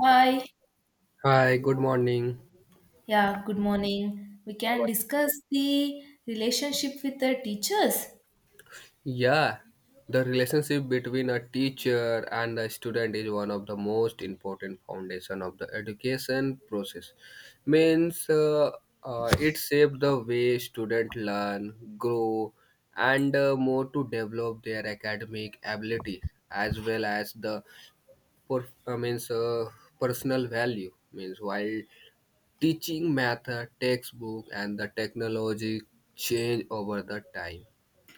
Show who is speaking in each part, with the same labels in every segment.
Speaker 1: Hi,
Speaker 2: Hi, good morning.
Speaker 1: yeah, good morning. We can discuss the relationship with the teachers.
Speaker 2: Yeah, the relationship between a teacher and a student is one of the most important foundation of the education process. Means It shapes the way students learn, grow, and more to develop their academic abilities as well as the per- means personal value. Means while teaching method, textbook, and the technology change over the time.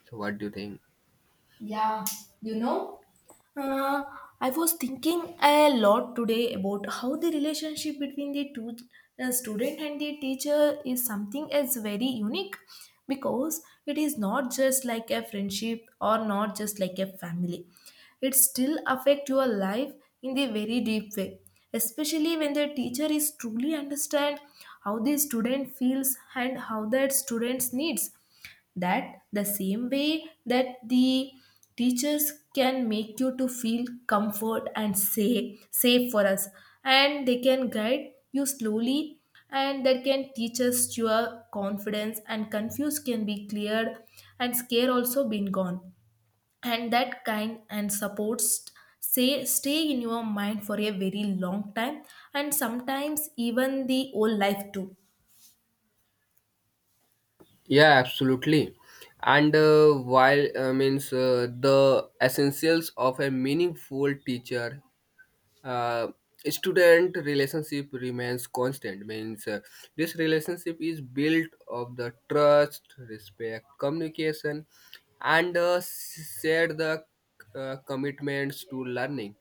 Speaker 2: So what do you think?
Speaker 1: Yeah, you know, Uh, I was thinking a lot today about how the relationship between the two student and the teacher is something is very unique because it is not just like a friendship or not just like a family. It still affect your life in the very deep way, especially when the teacher is truly understand how the student feels and how that student's needs that the same way that the teachers can make you to feel comfort and safe for us and they can guide you slowly and that can teach us your confidence and confuse can be cleared and scare also been gone and that kind and supports say stay in your mind for a very long time and sometimes even the whole life too.
Speaker 2: Yeah, absolutely. And while means the essentials of a meaningful teacher, uh, student relationship remains constant. Means This relationship is built of the trust, respect, communication, and share the commitments to learning.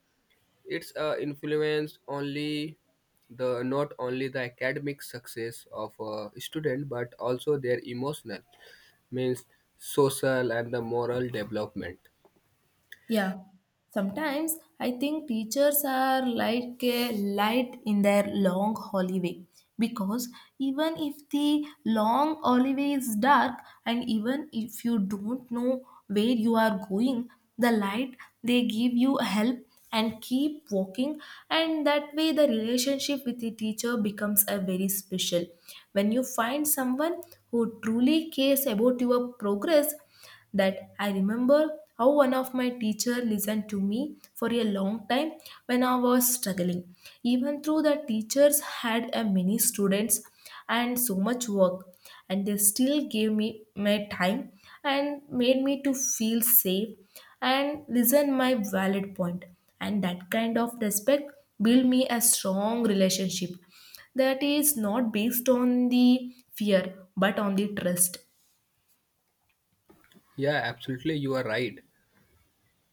Speaker 2: It's influenced only the not only the academic success of a student but also their emotional means social and the moral development.
Speaker 1: Yeah, sometimes I think teachers are like a light in their long hallway because even if the long hallway is dark and even if you don't know where you are going, the light they give you help and keep walking, and that way the relationship with the teacher becomes a very special. When you find someone who truly cares about your progress, that I remember how one of my teacher listened to me for a long time when I was struggling. Even though the teachers had a many students and so much work, and they still gave me my time and made me to feel safe and listen my valid point. And that kind of respect built me a strong relationship that is not based on the fear but on the trust.
Speaker 2: Yeah, absolutely, you are right.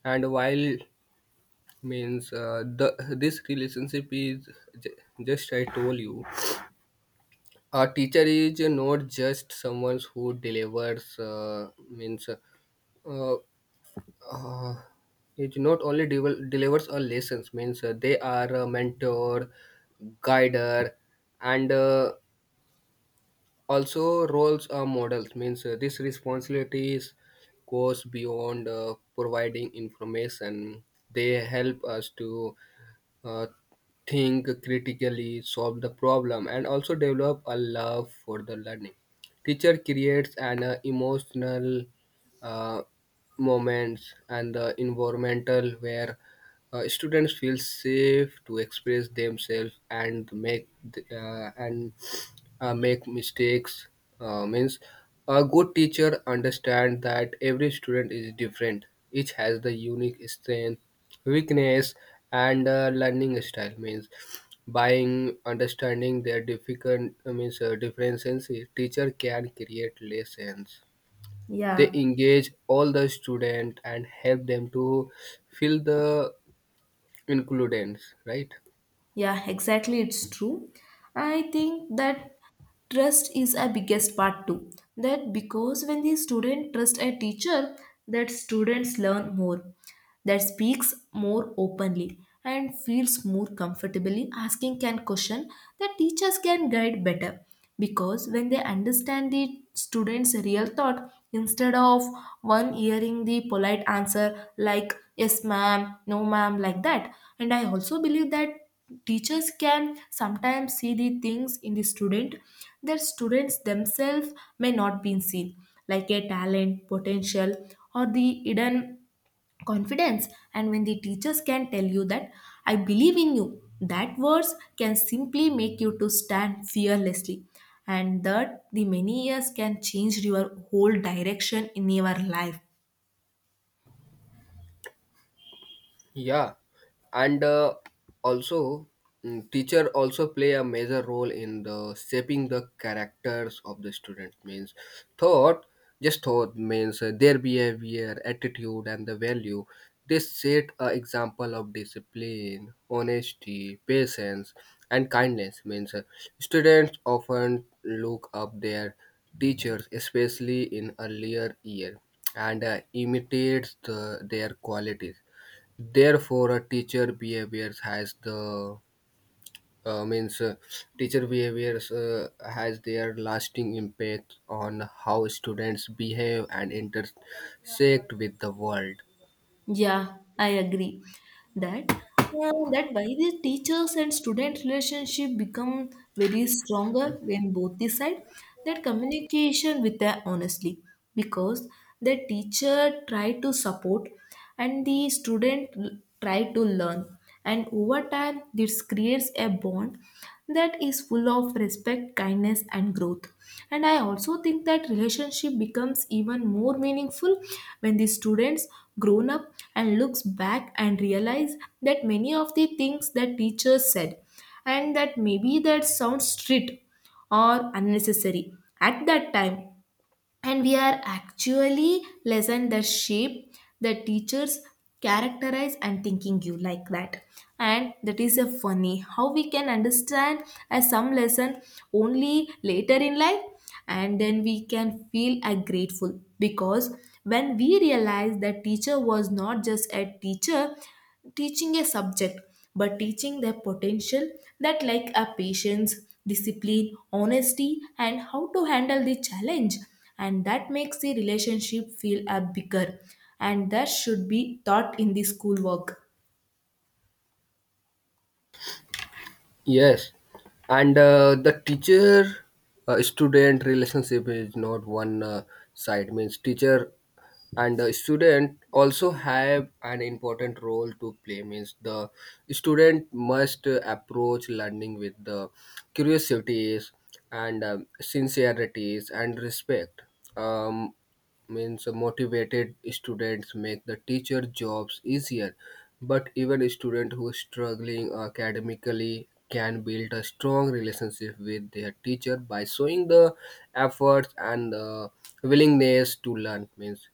Speaker 2: And while means the this relationship is ju- just I told you, a teacher is not just someone who delivers means uh, uh, it not only delivers a lessons. Means they are a mentor, guider, and also roles are models. Means these responsibilities goes beyond providing information. They help us to uh, think critically, solve the problem, and also develop a love for the learning. Teacher creates an emotional uh, moments and the environmental where students feel safe to express themselves and make mistakes. Means a good teacher understand that every student is different, each has the unique strength, weakness, and learning style. Means buying understanding their difficult means differences, teacher can create lessons,
Speaker 1: Yeah.
Speaker 2: they engage all the student and help them to feel the includence, right.
Speaker 1: Yeah, exactly. It's true. I think that trust is a biggest part too. That because when the student trust a teacher, that students learn more that speaks more openly and feels more comfortably asking can question the teachers can guide better because when they understand the students real thought instead of one hearing the polite answer like yes ma'am no ma'am like that. And I also believe that teachers can sometimes see the things in the student that students themselves may not be seen like a talent potential or the hidden confidence, and when the teachers can tell you that I believe in you, that words can simply make you to stand fearlessly and that the many years can change your whole direction in your life.
Speaker 2: Yeah, and also teacher also play a major role in the shaping the characters of the students. Means thought, just thought, means their behavior, attitude, and the value. They set a example of discipline, honesty, patience, and kindness. Means students often look up their teachers, especially in earlier year, and imitates the, their qualities. Therefore, a teacher behaviors has the means teacher behaviors has their lasting impact on how students behave and intersect with the world.
Speaker 1: Yeah, I agree that that why the teachers and student relationship become very stronger when both decide that communication with the honestly because the teacher try to support and the try to learn and over time this creates a bond that is full of respect kindness and growth. And I also think that relationship becomes even more meaningful when the students grown up and looks back and realize that many of the things that teachers said and that maybe that sounds strict or unnecessary at that time and we are actually lesson that shape the teachers characterize and thinking you like that. And that is a funny how we can understand as some lesson only later in life and then we can feel a grateful because when we realize that teacher was not just a teacher teaching a subject but teaching their potential that like a patience, discipline, honesty, and how to handle the challenge. And that makes the relationship feel a bigger. And that should be taught in the schoolwork.
Speaker 2: Yes, and the teacher student relationship is not one side. Means teacher and the student also have an important role to play. Means the student must approach learning with the curiosities and sincerities and respect. Um, means motivated students make the teacher jobs easier, but even a student who is struggling academically can build a strong relationship with their teacher by showing the efforts and the willingness to learn. Means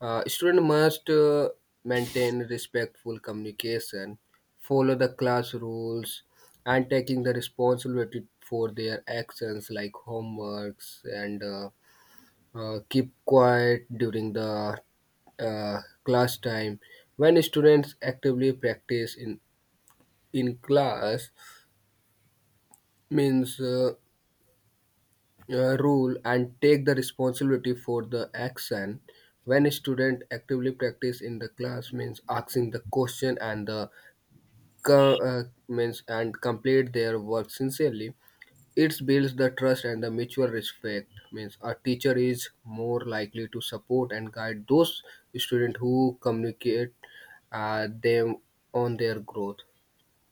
Speaker 2: student must maintain respectful communication, follow the class rules, and taking the responsibility for their actions like homeworks, and keep quiet during the class time. When students actively practice in class, means rule and take the responsibility for the action, when a student actively practice in the class, means asking the question and the co- means and complete their work sincerely, it builds the trust and the mutual respect. Means a teacher is more likely to support and guide those students who communicate them on their growth.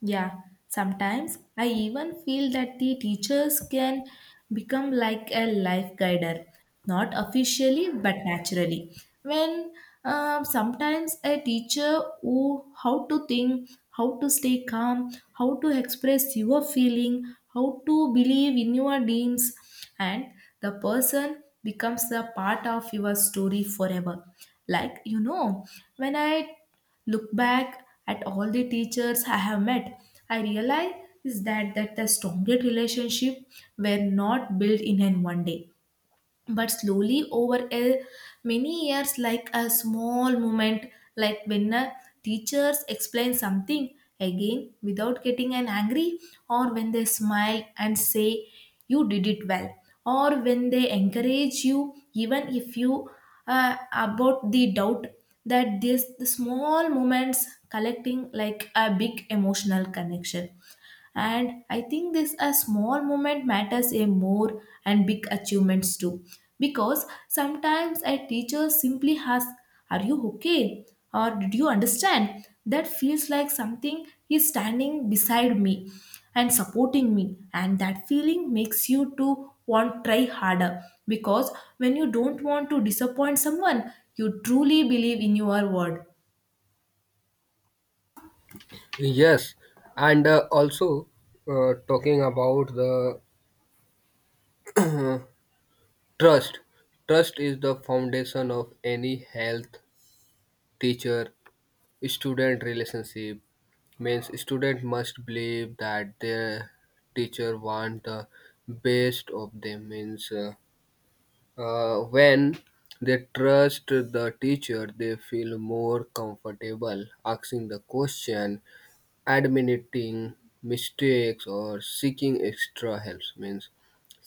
Speaker 1: Yeah, sometimes I even feel that the teachers can become like a life guider, not officially but naturally. When sometimes a teacher who how to think, how to stay calm, how to express your feeling, how to believe in your dreams, and the person becomes the part of your story forever. Like, when I look back at all the teachers I have met, I realize is that, that the strongest relationship were not built in an one day but slowly over a many years like a small moment, like when a teachers explain something again without getting an angry or when they smile and say you did it well or when they encourage you even if you about the doubt, that this the small moments collecting like a big emotional connection. And I think this a small moment matters a more and big achievements too, because sometimes a teacher simply asks are you okay or did you understand, that feels like something is standing beside me and supporting me, and that feeling makes you to want try harder because when you don't want to disappoint someone you truly believe in your word.
Speaker 2: Yes, and also talking about the trust. Trust is the foundation of any health teacher student relationship. Means student must believe that their teacher want the best of them. Means when they trust the teacher, they feel more comfortable asking the question, admitting mistakes, or seeking extra help. Means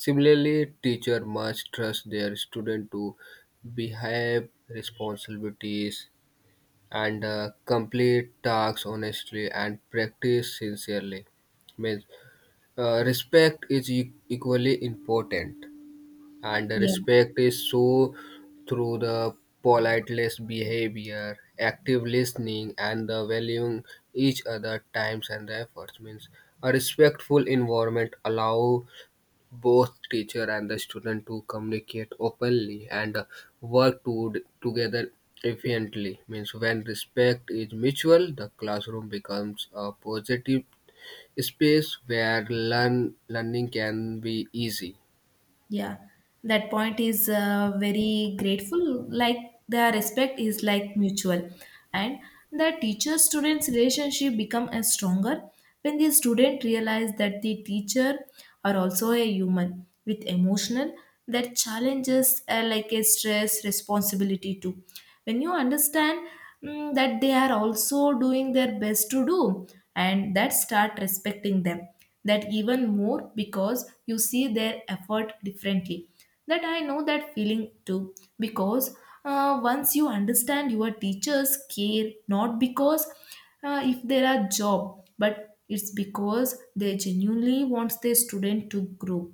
Speaker 2: similarly teacher must trust their student to behave responsibilities and complete tasks honestly and practice sincerely. Means respect is equally important, and the
Speaker 1: Yeah.
Speaker 2: respect is shown through the politeness behavior, active listening, and the valuing each other times and the efforts. Means a respectful environment allow both teacher and the student to communicate openly and work to, together efficiently. Means when respect is mutual, the classroom becomes a positive space where learn, learning can be easy.
Speaker 1: Yeah, that point is very grateful. Like their respect is like mutual, and the teacher-students relationship become a stronger when the student realize that the teacher are also a human with emotional, that challenges are like a stress responsibility too. When you understand that they are also doing their best to do, and that start respecting them that even more because you see their effort differently. That I know that feeling too, because once you understand your teachers care not because if there are job but it's because they genuinely wants their student to grow,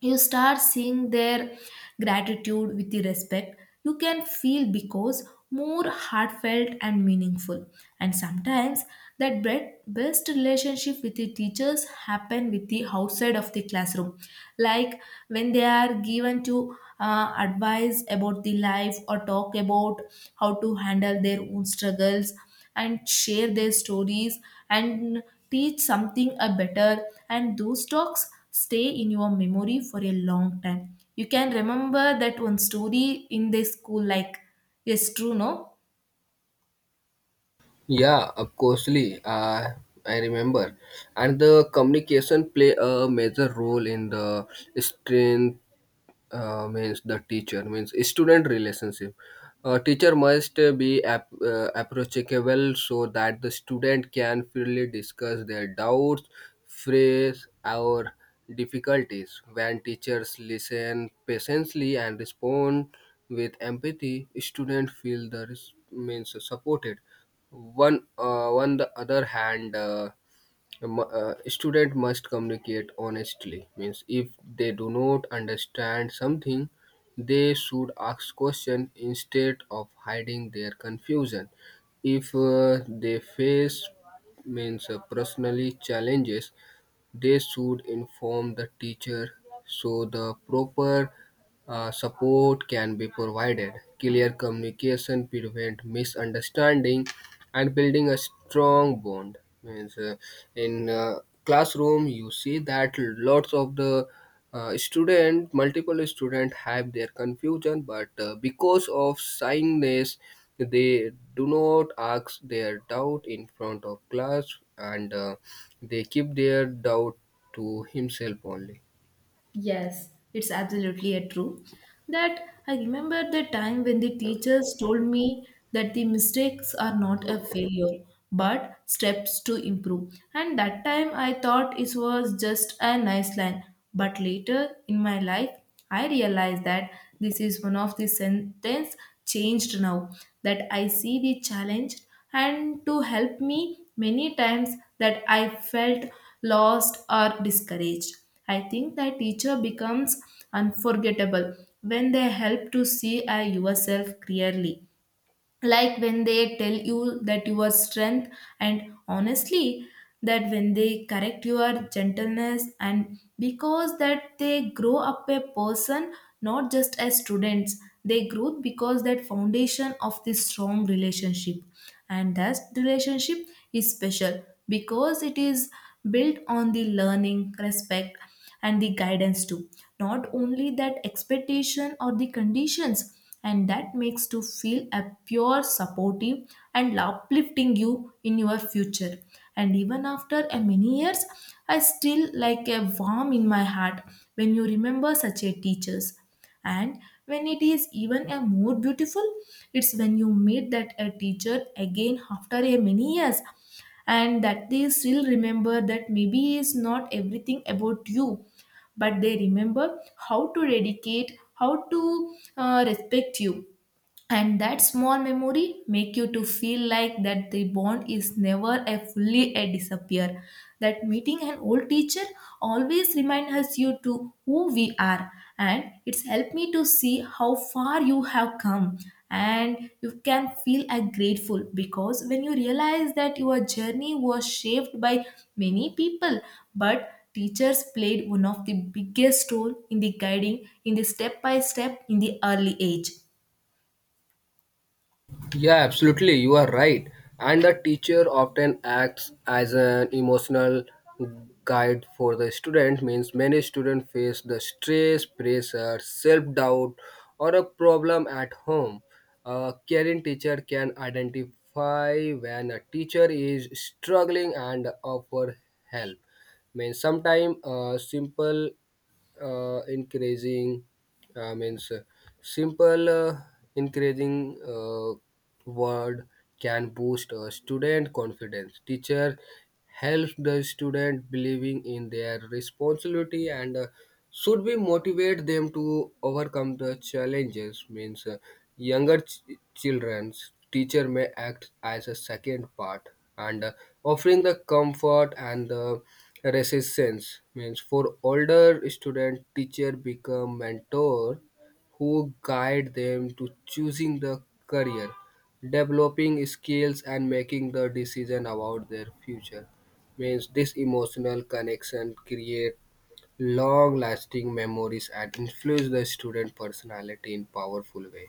Speaker 1: you start seeing their gratitude with the respect you can feel because more heartfelt and meaningful. And sometimes that best relationship with the teachers happen with the outside of the classroom, like when they are given to advice about the life or talk about how to handle their own struggles and share their stories and teach something a better, and those talks stay in your memory for a long time. You can remember that one story in the school like yes true no.
Speaker 2: Yeah, of costly. I remember, and the communication play a major role in the strength. Means the teacher means student relationship. Teacher must be approachable so that the student can freely discuss their doubts, phrase, or difficulties. When teachers listen patiently and respond with empathy, students feel the means supported. On the other hand, student must communicate honestly. Means if they do not understand something, they should ask question instead of hiding their confusion. If they face means personally challenges, they should inform the teacher so the proper support can be provided. Clear communication prevent misunderstanding and building a strong bond. Means in classroom you see that lots of the multiple student have their confusion, but because of shyness, they do not ask their doubt in front of class, and they keep their doubt to himself only.
Speaker 1: Yes, it's absolutely a true. That I remember the time when the teachers told me that the mistakes are not a failure but steps to improve. And that time I thought it was just a nice line. But later in my life, I realized that this is one of the sentence changed now that I see the challenge and to help me many times that I felt lost or discouraged. I think the teacher becomes unforgettable when they help to see yourself clearly. Like when they tell you that your strength and honestly, that when they correct your gentleness and because that they grow up a person not just as students, they grow because that foundation of this strong relationship. And that relationship is special because it is built on the learning, respect, and the guidance too. Not only that expectation or the conditions, and that makes to feel a pure supportive and uplifting you in your future. And even after a many years, I still like a warm in my heart when you remember such a teachers, and when it is even a more beautiful, it's when you meet that a teacher again after a many years and that they still remember, that maybe is not everything about you but they remember how to dedicate how to respect you, and that small memory make you to feel like that the bond is never a fully a disappear. That meeting an old teacher always remind us you to who we are, and it's helped me to see how far you have come, and you can feel a grateful because when you realize that your journey was shaped by many people but teachers played one of the biggest role in the guiding in the step by step in the early age.
Speaker 2: Yeah, absolutely, you are right. And the teacher often acts as an emotional guide for the student. Means many students face the stress, pressure, self-doubt, or a problem at home. A caring teacher can identify when a teacher is struggling and offer help. Means sometimes uh, increasing uh, means uh, simple increasing word can boost a student confidence. Teacher helps the student believing in their responsibility, and should be motivate them to overcome the challenges. Means younger children's teacher may act as a second part, and offering the comfort and the resistance. Means for older student teacher become mentor who guide them to choosing the career, developing skills, and making the decision about their future. Means this emotional connection create long lasting memories and influence the student personality in powerful way.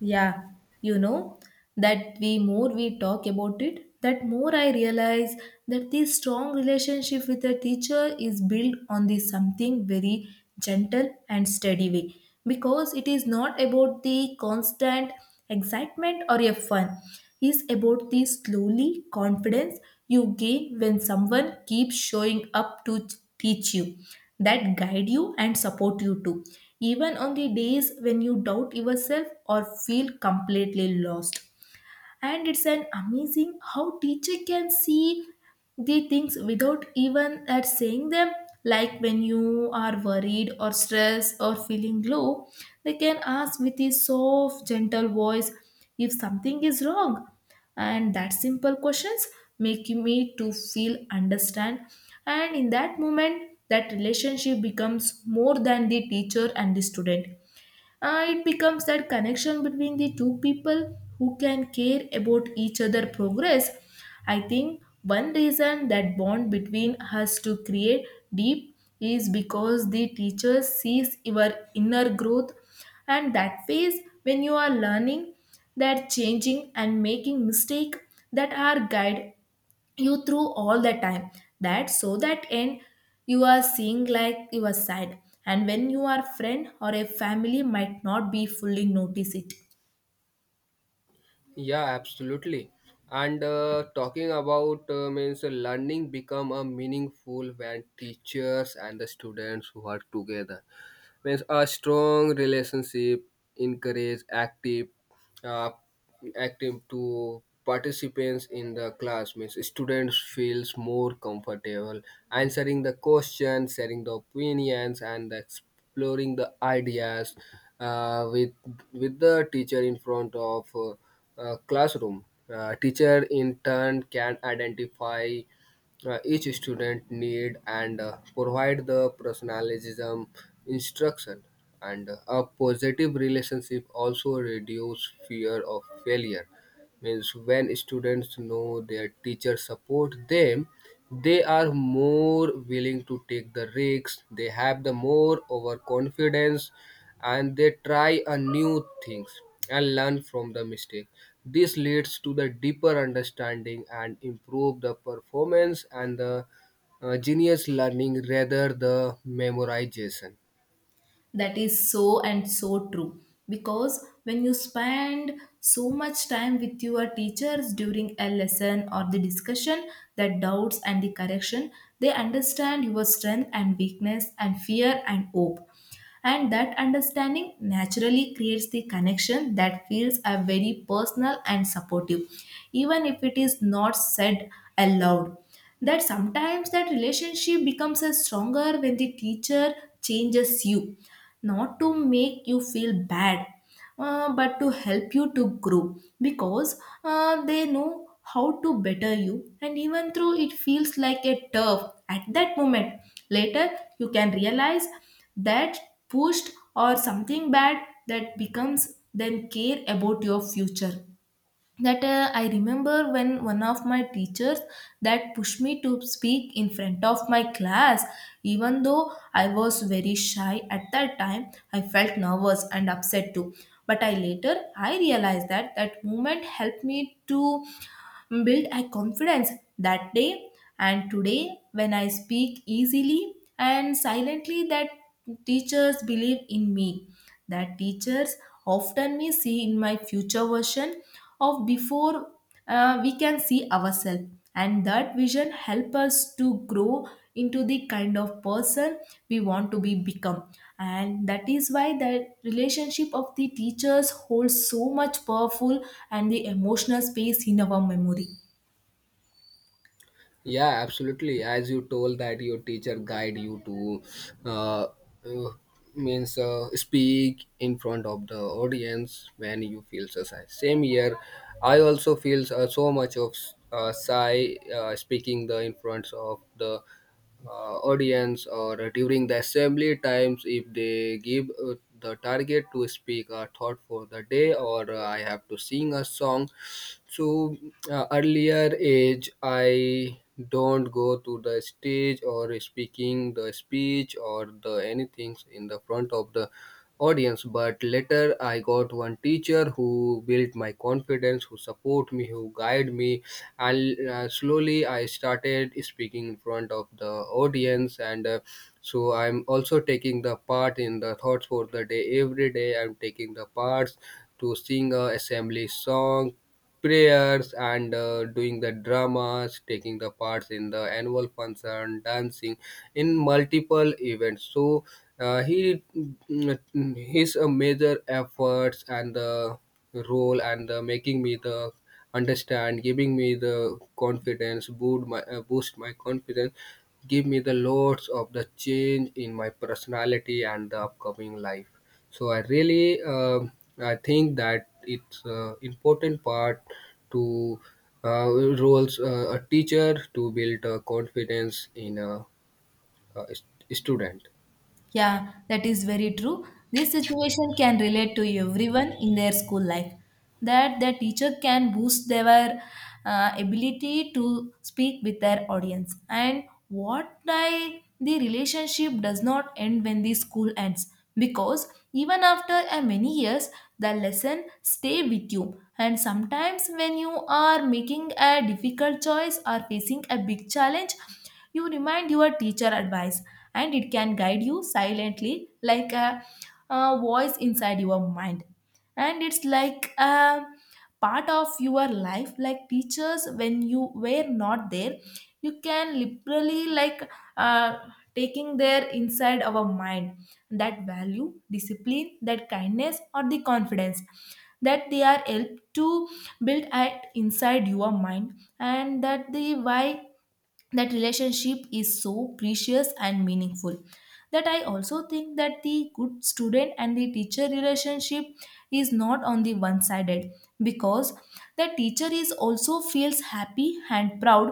Speaker 1: Yeah, you know, that the more we talk about it, that more I realize that this strong relationship with a teacher is built on this something very gentle and steady way because it is not about the constant excitement or a fun, is about the slowly confidence you gain when someone keeps showing up to teach you, that guide you and support you too, even on the days when you doubt yourself or feel completely lost. And it's an amazing how teacher can see the things without even at saying them, like when you are worried or stressed or feeling low they can ask with a soft gentle voice if something is wrong, and that simple questions make me to feel understand, and in that moment that relationship becomes more than the teacher and the student. It becomes that connection between the two people who can care about each other progress. I think one reason that bond between us to create deep is because the teacher sees your inner growth and that phase when you are learning, that changing and making mistake, that are guide you through all the time, that so that end you are seeing like your side, and when you are friend or a family might not be fully notice it.
Speaker 2: Yeah, absolutely. And talking about means learning become a meaningful when teachers and the students work together. Means a strong relationship encourage active uh, active to participants in the class. Means students feels more comfortable answering the questions, sharing the opinions, and exploring the ideas with the teacher in front of classroom. Teacher in turn can identify each student need, and provide the personalism instruction. And a positive relationship also reduce fear of failure. Means when students know their teacher support them, they are more willing to take the risks, they have the more overconfidence, and they try a new things and learn from the mistake. This leads to the deeper understanding and improve the performance and the genius learning rather the memorization.
Speaker 1: That is so and so true, because when you spend so much time with your teachers during a lesson or the discussion, the doubts and the correction They understand your strength and weakness and fear and hope, and that understanding naturally creates the connection that feels a very personal and supportive, even if it is not said aloud. That sometimes that relationship becomes a stronger when the teacher changes you, not to make you feel bad, but to help you to grow, because they know how to better you. And even though it feels like a turf at that moment, later you can realize that pushed or something bad, that becomes then care about your future. That I remember when one of my teachers that pushed me to speak in front of my class. Even though I was very shy at that time, I felt nervous and upset too, but I later I realized that that moment helped me to build a confidence that day. And today when I speak easily and silently, that teachers believe in me. That teachers often may see in my future version of before. We can see ourselves, and that vision help us to grow into the kind of person we want to be become. And that is why the relationship of the teachers holds so much powerful and the emotional space in our memory.
Speaker 2: Yeah, absolutely. As you told that your teacher guide you to uh, uh, means speak in front of the audience when you feel so shy, same year I also feel so much of shy speaking the in front of the audience, or during the assembly times, if they give the target to speak a thought for the day, or I have to sing a song. So earlier age I don't go to the stage or speaking the speech or the anything in the front of the audience. But later I got one teacher who built my confidence, who support me, who guide me, and slowly I started speaking in front of the audience. And so I'm also taking the part in the thoughts for the day. Every day I'm taking the parts to sing a assembly song, prayers, and doing the dramas, taking the parts in the annual function, dancing in multiple events. So he his major efforts and the role and making me the understand, giving me the confidence, boost my confidence, give me the loads of the change in my personality and the upcoming life. So I really I think that it's important part to uh, roles a teacher to build confidence in a student.
Speaker 1: Yeah, that is very true. This situation can relate to everyone in their school life. That the teacher can boost their ability to speak with their audience. And what I the relationship does not end when the school ends, because even after a many years, the lesson stay with you. And sometimes when you are making a difficult choice or facing a big challenge, you remind your teacher advice, and it can guide you silently like a voice inside your mind. And it's like a part of your life, like teachers, when you were not there, you can literally like uh, taking their inside our mind, that value, discipline, that kindness, or the confidence that they are helped to build at inside your mind. And that the why that relationship is so precious and meaningful. That I also think that the good student and the teacher relationship is not on the one sided, because the teacher is also feels happy and proud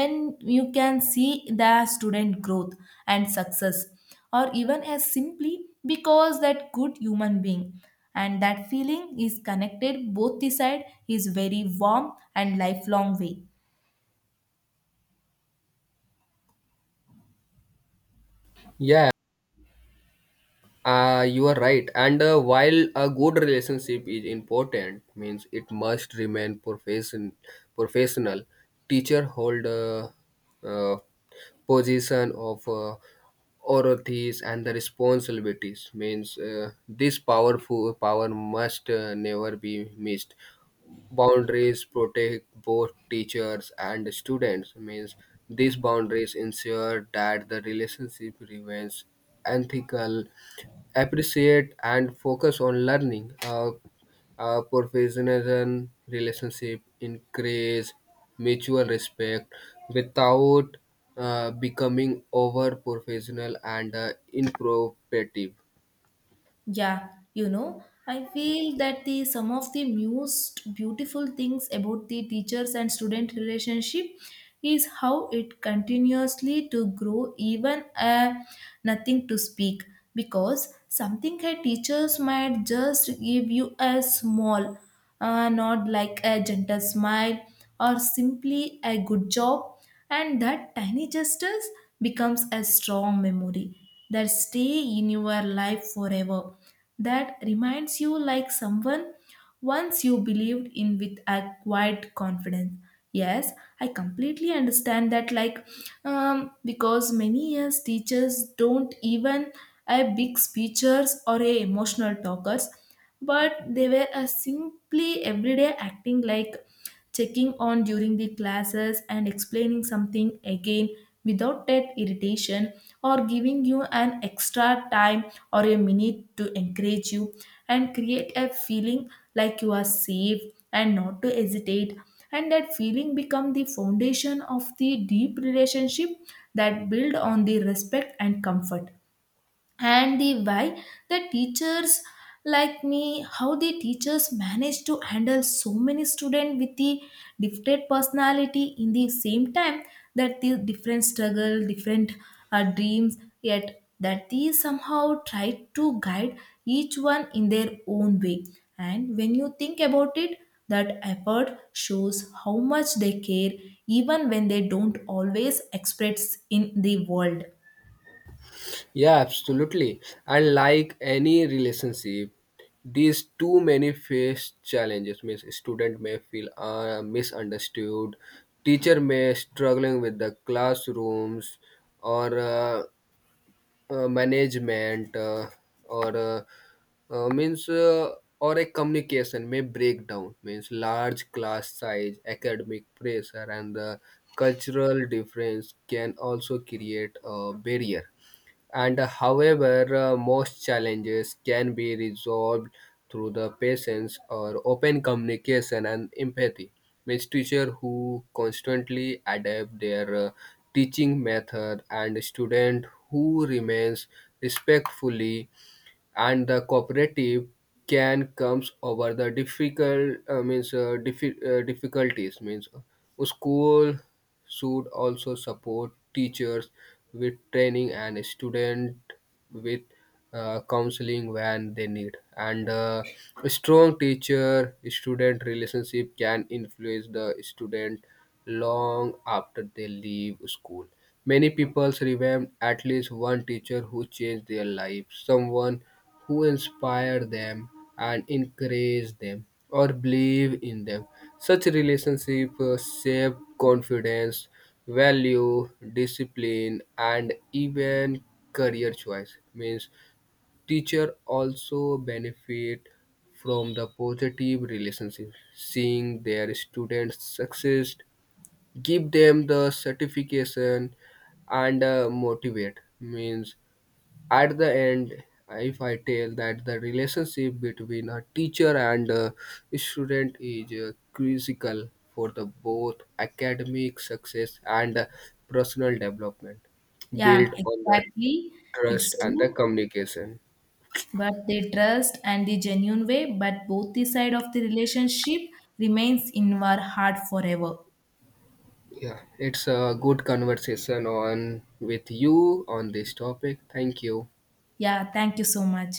Speaker 1: when you can see the student growth and success, or even as simply because that good human being. And that feeling is connected both the side is very warm and lifelong way.
Speaker 2: Yeah, you are right. And while a good relationship is important, means it must remain professional. Teacher hold a, uh, position of authorities and the responsibilities. Means this powerful power must never be missed. Boundaries protect both teachers and students. Means these boundaries ensure that the relationship remains ethical, appreciate, and focus on learning. A professionalism relationship increase mutual respect without becoming over professional and inappropriate.
Speaker 1: Yeah, you know, I feel that the some of the most beautiful things about the teachers and student relationship is how it continuously to grow even nothing to speak, because something a teachers might just give you a small not like a gentle smile or simply a good job, and that tiny gestures becomes a strong memory that stay in your life forever. That reminds you like someone once you believed in with a quiet confidence. Yes, I completely understand that like because many years teachers don't even a big speechers or a emotional talkers, but they were a simply everyday acting like checking on during the classes and explaining something again without that irritation, or giving you an extra time or a minute to encourage you and create a feeling like you are safe and not to hesitate. And that feeling become the foundation of the deep relationship that build on the respect and comfort. And the why the teachers like me how the teachers manage to handle so many students with the different personality in the same time, that the different struggle different dreams, yet that they somehow try to guide each one in their own way. And when you think about it, that effort shows how much they care, even when they don't always express in the world.
Speaker 2: Yeah, absolutely. And like any relationship, these too many face challenges. Means student may feel misunderstood, teacher may struggling with the classrooms, or management, or uh, uh, means uh, or a communication may break down. Means large class size, academic pressure, and the cultural difference can also create a barrier. And however most challenges can be resolved through the patience or open communication and empathy. Means teacher who constantly adapt their teaching method and student who remains respectfully and the cooperative can comes over the difficulties. Means a school should also support teachers with training and students with counseling when they need. And a strong teacher student relationship can influence the student long after they leave school. Many people remember at least one teacher who changed their life, someone who inspire them and encourage them or believe in them. Such relationship shape confidence, value, discipline, and even career choice. Means teacher also benefit from the positive relationship, seeing their students success, give them the certification, and motivate means at the end, if I tell that the relationship between a teacher and a student is critical for the both academic success and personal development,
Speaker 1: Yeah,
Speaker 2: built on the
Speaker 1: exactly.
Speaker 2: trust
Speaker 1: It's
Speaker 2: and the
Speaker 1: true.
Speaker 2: communication.
Speaker 1: But they trust and the genuine way, but both the side of the relationship remains in our heart forever.
Speaker 2: Yeah, it's a good conversation on with you on this topic. Thank you.
Speaker 1: Yeah, thank you so much.